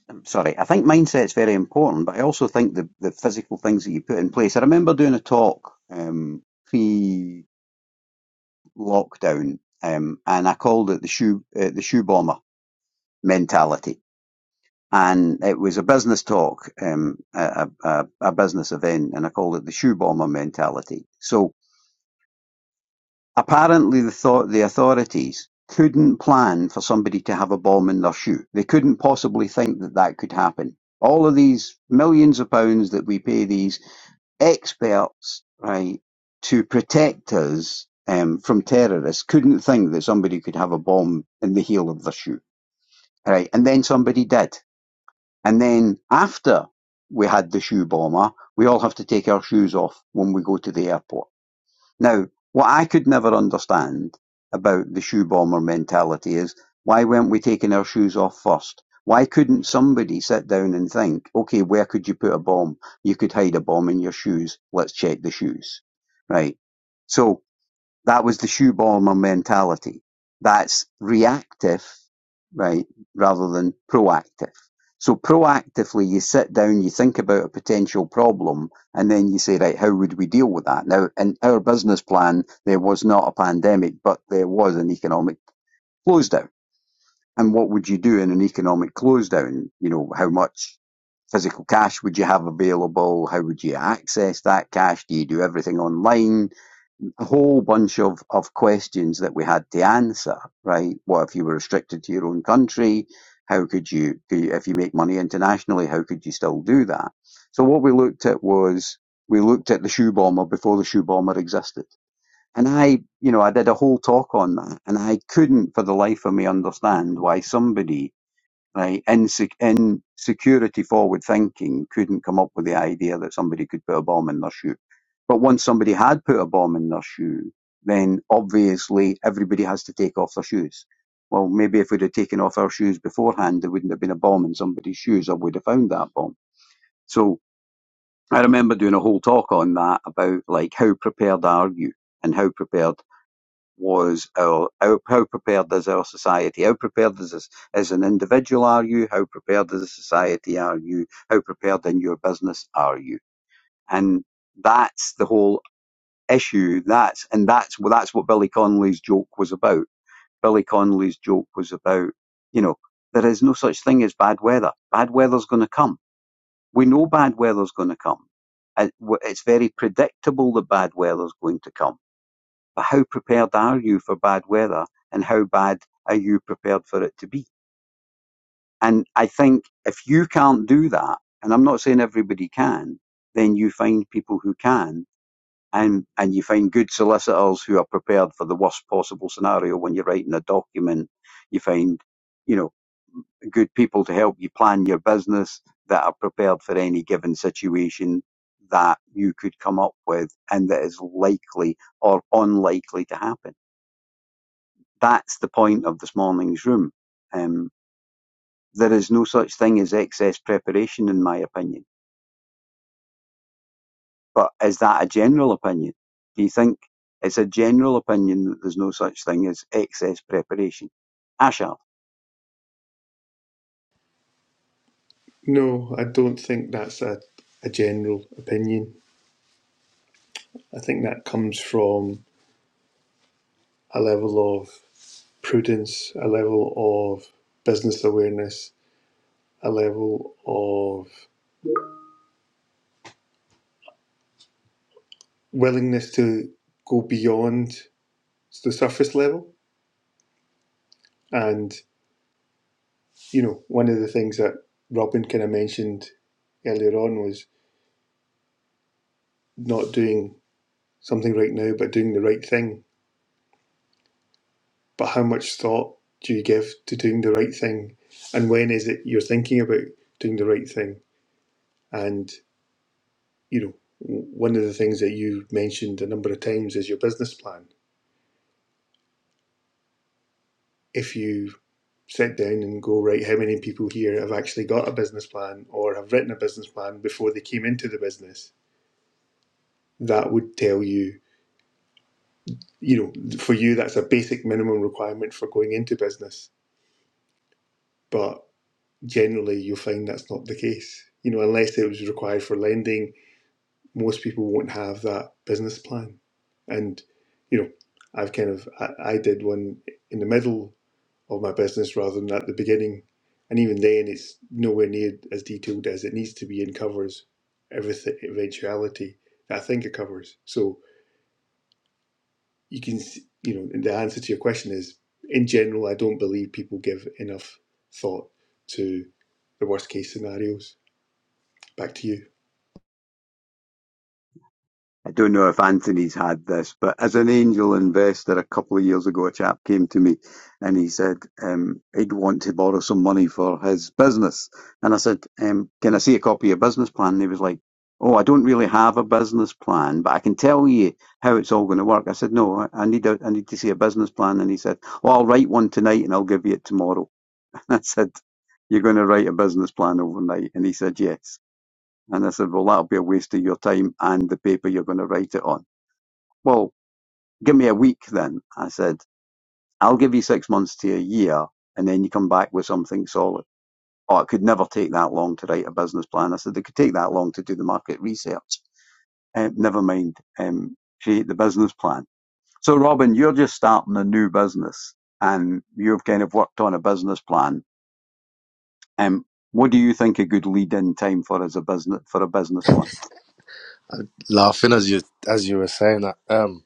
Speaker 1: I'm sorry. I think mindset's very important, but I also think the, the physical things that you put in place. I remember doing a talk um, pre lockdown, um, and I called it the shoe uh, the shoe bomber mentality. And it was a business talk, um, a, a, a a business event, and I called it the shoe bomber mentality. So Apparently they thought the authorities couldn't plan for somebody to have a bomb in their shoe. They couldn't possibly think that that could happen. All of these millions of pounds that we pay these experts, right, to protect us um, from terrorists couldn't think that somebody could have a bomb in the heel of their shoe, right? And then somebody did. And then after we had the shoe bomber, we all have to take our shoes off when we go to the airport now, what I could never understand about the shoe bomber mentality is why weren't we taking our shoes off first? Why couldn't somebody sit down and think, okay, where could you put a bomb? You could hide a bomb in your shoes. Let's check the shoes. Right. So that was the shoe bomber mentality. That's reactive, right, rather than proactive. So proactively, you sit down, you think about a potential problem, and then you say, right, how would we deal with that? Now, in our business plan, there was not a pandemic, but there was an economic close down. And what would you do in an economic close down? You know, how much physical cash would you have available? How would you access that cash? Do you do everything online? a whole bunch of, of questions that we had to answer, right? What if you were restricted to your own country? How could you, if you make money internationally, how could you still do that? So what we looked at was, we looked at the shoe bomber before the shoe bomber existed. And I, you know, I did a whole talk on that and I couldn't for the life of me understand why somebody right? In, in security forward thinking, couldn't come up with the idea that somebody could put a bomb in their shoe. But once somebody had put a bomb in their shoe, then obviously everybody has to take off their shoes. Well, maybe if we'd have taken off our shoes beforehand, there wouldn't have been a bomb in somebody's shoes, or we'd have found that bomb. So I remember doing a whole talk on that about like how prepared are you and how prepared was our, how, how prepared is our society? How prepared is this, as an individual are you? How prepared as a society are you? How prepared in your business are you? And that's the whole issue. That's and that's well, that's what Billy Connolly's joke was about. Billy Connolly's joke was about you know there is no such thing as bad weather. Bad weather's going to come. We know bad weather's going to come. And w- It's very predictable that bad weather's going to come but how prepared are you for bad weather and how bad are you prepared for it to be? And I think if you can't do that, and I'm not saying everybody can, then you find people who can and, and you find good solicitors who are prepared for the worst possible scenario when you're writing a document. You find, you know, good people to help you plan your business that are prepared for any given situation that you could come up with and that is likely or unlikely to happen. that's the point of this morning's room. Um, there is no such thing as excess preparation, in my opinion. But is that a general opinion? Do you think it's a general opinion that there's no such thing as excess preparation? Asha,
Speaker 6: No, I don't think that's a, a general opinion. I think that comes from a level of prudence, a level of business awareness, a level of willingness to go beyond the surface level. And, you know, one of the things that Robin kind of mentioned earlier on was not doing something right now, but doing the right thing. But how much thought do you give to doing the right thing? And when is it you're thinking about doing the right thing? And, you know, one of the things that you mentioned a number of times is your business plan. If you sit down and go, right, how many people here have actually got a business plan or have written a business plan before they came into the business? That would tell you, you know, for you, that's a basic minimum requirement for going into business. But generally, you'll find that's not the case. You know, unless it was required for lending, most people won't have that business plan. And, you know, I've kind of, I, I did one in the middle of my business rather than at the beginning. And even then, it's nowhere near as detailed as it needs to be and covers everything eventuality that I think it covers. So you can, you know, the answer to your question is in general, I don't believe people give enough thought to the worst case scenarios. Back to you.
Speaker 1: I don't know if Anthony's had this, but as an angel investor a couple of years ago, a chap came to me and he said um, he'd want to borrow some money for his business. And I said, um, Can I see a copy of your business plan? And he was like, Oh, I don't really have a business plan, but I can tell you how it's all going to work. I said, No, I I need, a, I need to see a business plan. And he said, Well, I'll write one tonight and I'll give you it tomorrow. (laughs) And I said, You're going to write a business plan overnight? And he said, Yes. And I said, Well, that'll be a waste of your time and the paper you're going to write it on. Well, give me a week then. I said, I'll give you six months to a year and then you come back with something solid. Oh, it could never take that long to write a business plan. I said, it could take that long to do the market research. Uh, never mind, um, create the business plan. So Robin, you're just starting a new business and you've kind of worked on a business plan. Um, what do you think a good lead in time for as a business, for a business plan?
Speaker 5: Laughing as you as you were saying that, um,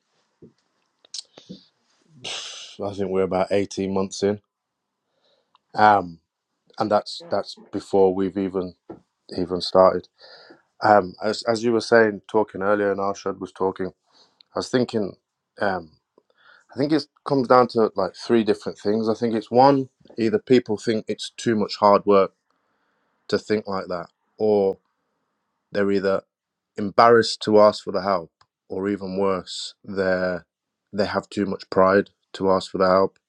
Speaker 5: I think we're about eighteen months in, um, and that's that's before we've even he even started. Um, as as you were saying, talking earlier, and Arshad was talking, I was thinking, um, I think it comes down to like three different things. I think it's one, either people think it's too much hard work to think like that, or they're either embarrassed to ask for the help, or even worse, they're they have too much pride to ask for the help.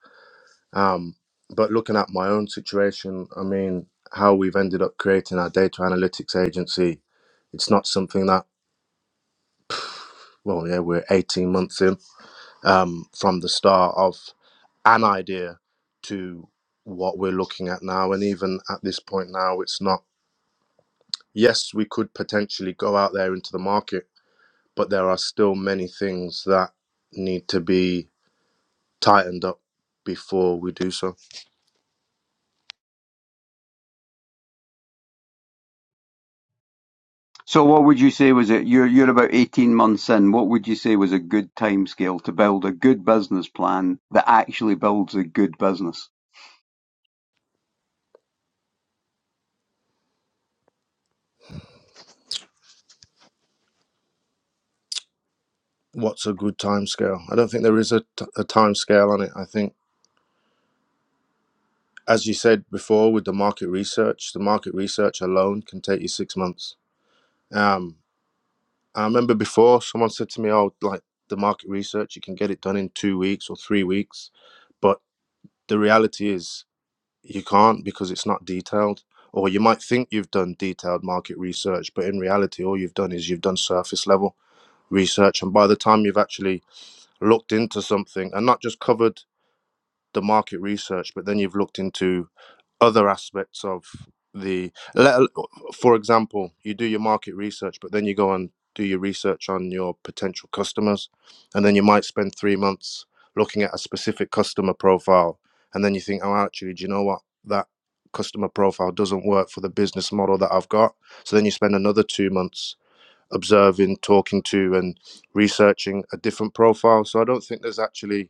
Speaker 5: Um, but looking at my own situation, I mean, how we've ended up creating our data analytics agency, it's not something that well, yeah, we're 18 months in um, from the start of an idea to what we're looking at now. And even at this point now, it's not, yes, we could potentially go out there into the market, but there are still many things that need to be tightened up before we do so.
Speaker 1: So what would you say was it? You're you're about 18 months in. What would you say was a good timescale to build a good business plan that actually builds a good business?
Speaker 5: What's a good time scale? I don't think there is a, t- a time scale on it. I think, as you said before, with the market research, the market research alone can take you six months. Um, I remember before someone said to me, "Oh, like the market research, you can get it done in two weeks or three weeks," but the reality is you can't because it's not detailed. Or you might think you've done detailed market research, but in reality, all you've done is you've done surface level research. And by the time you've actually looked into something and not just covered the market research, but then you've looked into other aspects of the let, for example you do your market research but then you go and do your research on your potential customers and then you might spend three months looking at a specific customer profile and then you think oh actually do you know what that customer profile doesn't work for the business model that i've got so then you spend another two months observing, talking to, and researching a different profile. So I don't think there's actually,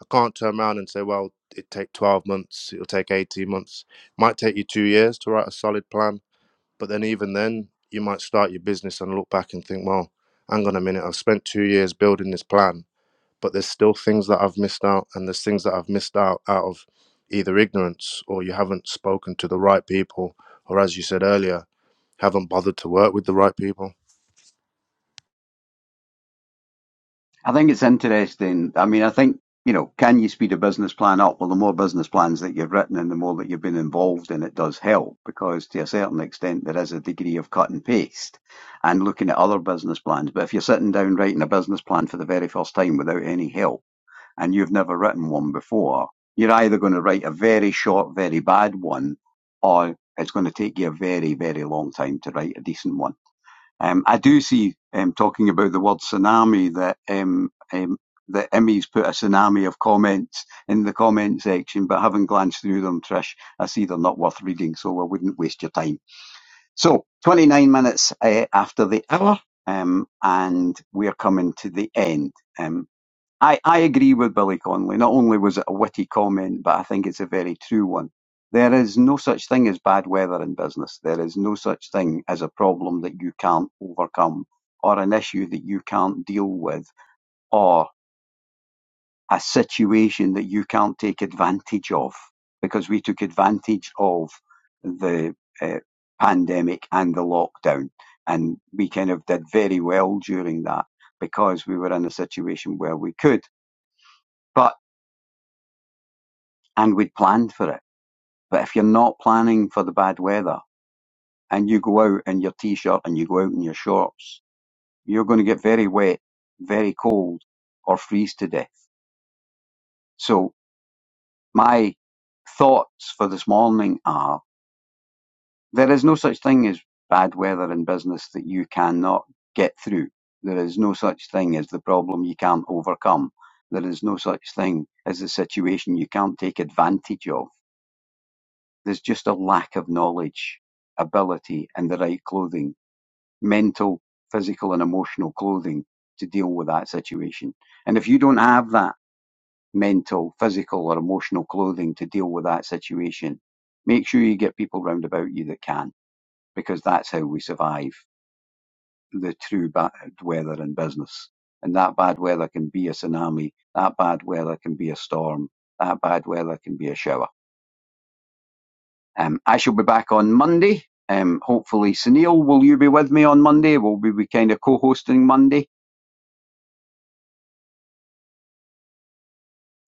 Speaker 5: I can't turn around and say, well, it take 12 months, it'll take 18 months. It might take you two years to write a solid plan. But then even then, you might start your business and look back and think, well, hang on a minute, I've spent two years building this plan, but there's still things that I've missed out, and there's things that I've missed out out of either ignorance or you haven't spoken to the right people, or as you said earlier, haven't bothered to work with the right people.
Speaker 1: I think it's interesting. I mean, I think, you know, can you speed a business plan up? Well, the more business plans that you've written and the more that you've been involved in, it does help because to a certain extent there is a degree of cut and paste and looking at other business plans. But if you're sitting down writing a business plan for the very first time without any help, and you've never written one before, you're either going to write a very short, very bad one, or it's going to take you a very, very long time to write a decent one. Um, I do see, um, talking about the word tsunami, that um, um, that Emmy's put a tsunami of comments in the comment section, but having glanced through them, Trish, I see they're not worth reading, so I wouldn't waste your time. So, 29 minutes uh, after the hour, um, and we're coming to the end. Um, I, I agree with Billy Connolly. Not only was it a witty comment, but I think it's a very true one. There is no such thing as bad weather in business. There is no such thing as a problem that you can't overcome, or an issue that you can't deal with, or a situation that you can't take advantage of, because we took advantage of the uh, pandemic and the lockdown. And we kind of did very well during that because we were in a situation where we could. But and we'd planned for it. But if you're not planning for the bad weather and you go out in your t-shirt and you go out in your shorts, you're going to get very wet, very cold, or freeze to death. So my thoughts for this morning are there is no such thing as bad weather in business that you cannot get through. There is no such thing as the problem you can't overcome. There is no such thing as the situation you can't take advantage of. There's just a lack of knowledge, ability, and the right clothing, mental, physical, and emotional clothing to deal with that situation. And if you don't have that mental, physical, or emotional clothing to deal with that situation, make sure you get people round about you that can, because that's how we survive the true bad weather in business. And that bad weather can be a tsunami, that bad weather can be a storm, that bad weather can be a shower Um, I shall be back on Monday. Um, hopefully, Sunil, will you be with me on Monday? Will we be kind of co-hosting Monday?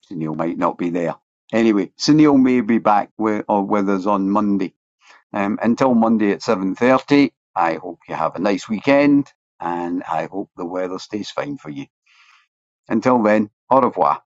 Speaker 1: Sunil might not be there. Anyway, Sunil may be back with, or with us on Monday. Um, until Monday at 7.30, I hope you have a nice weekend and I hope the weather stays fine for you. Until then, au revoir.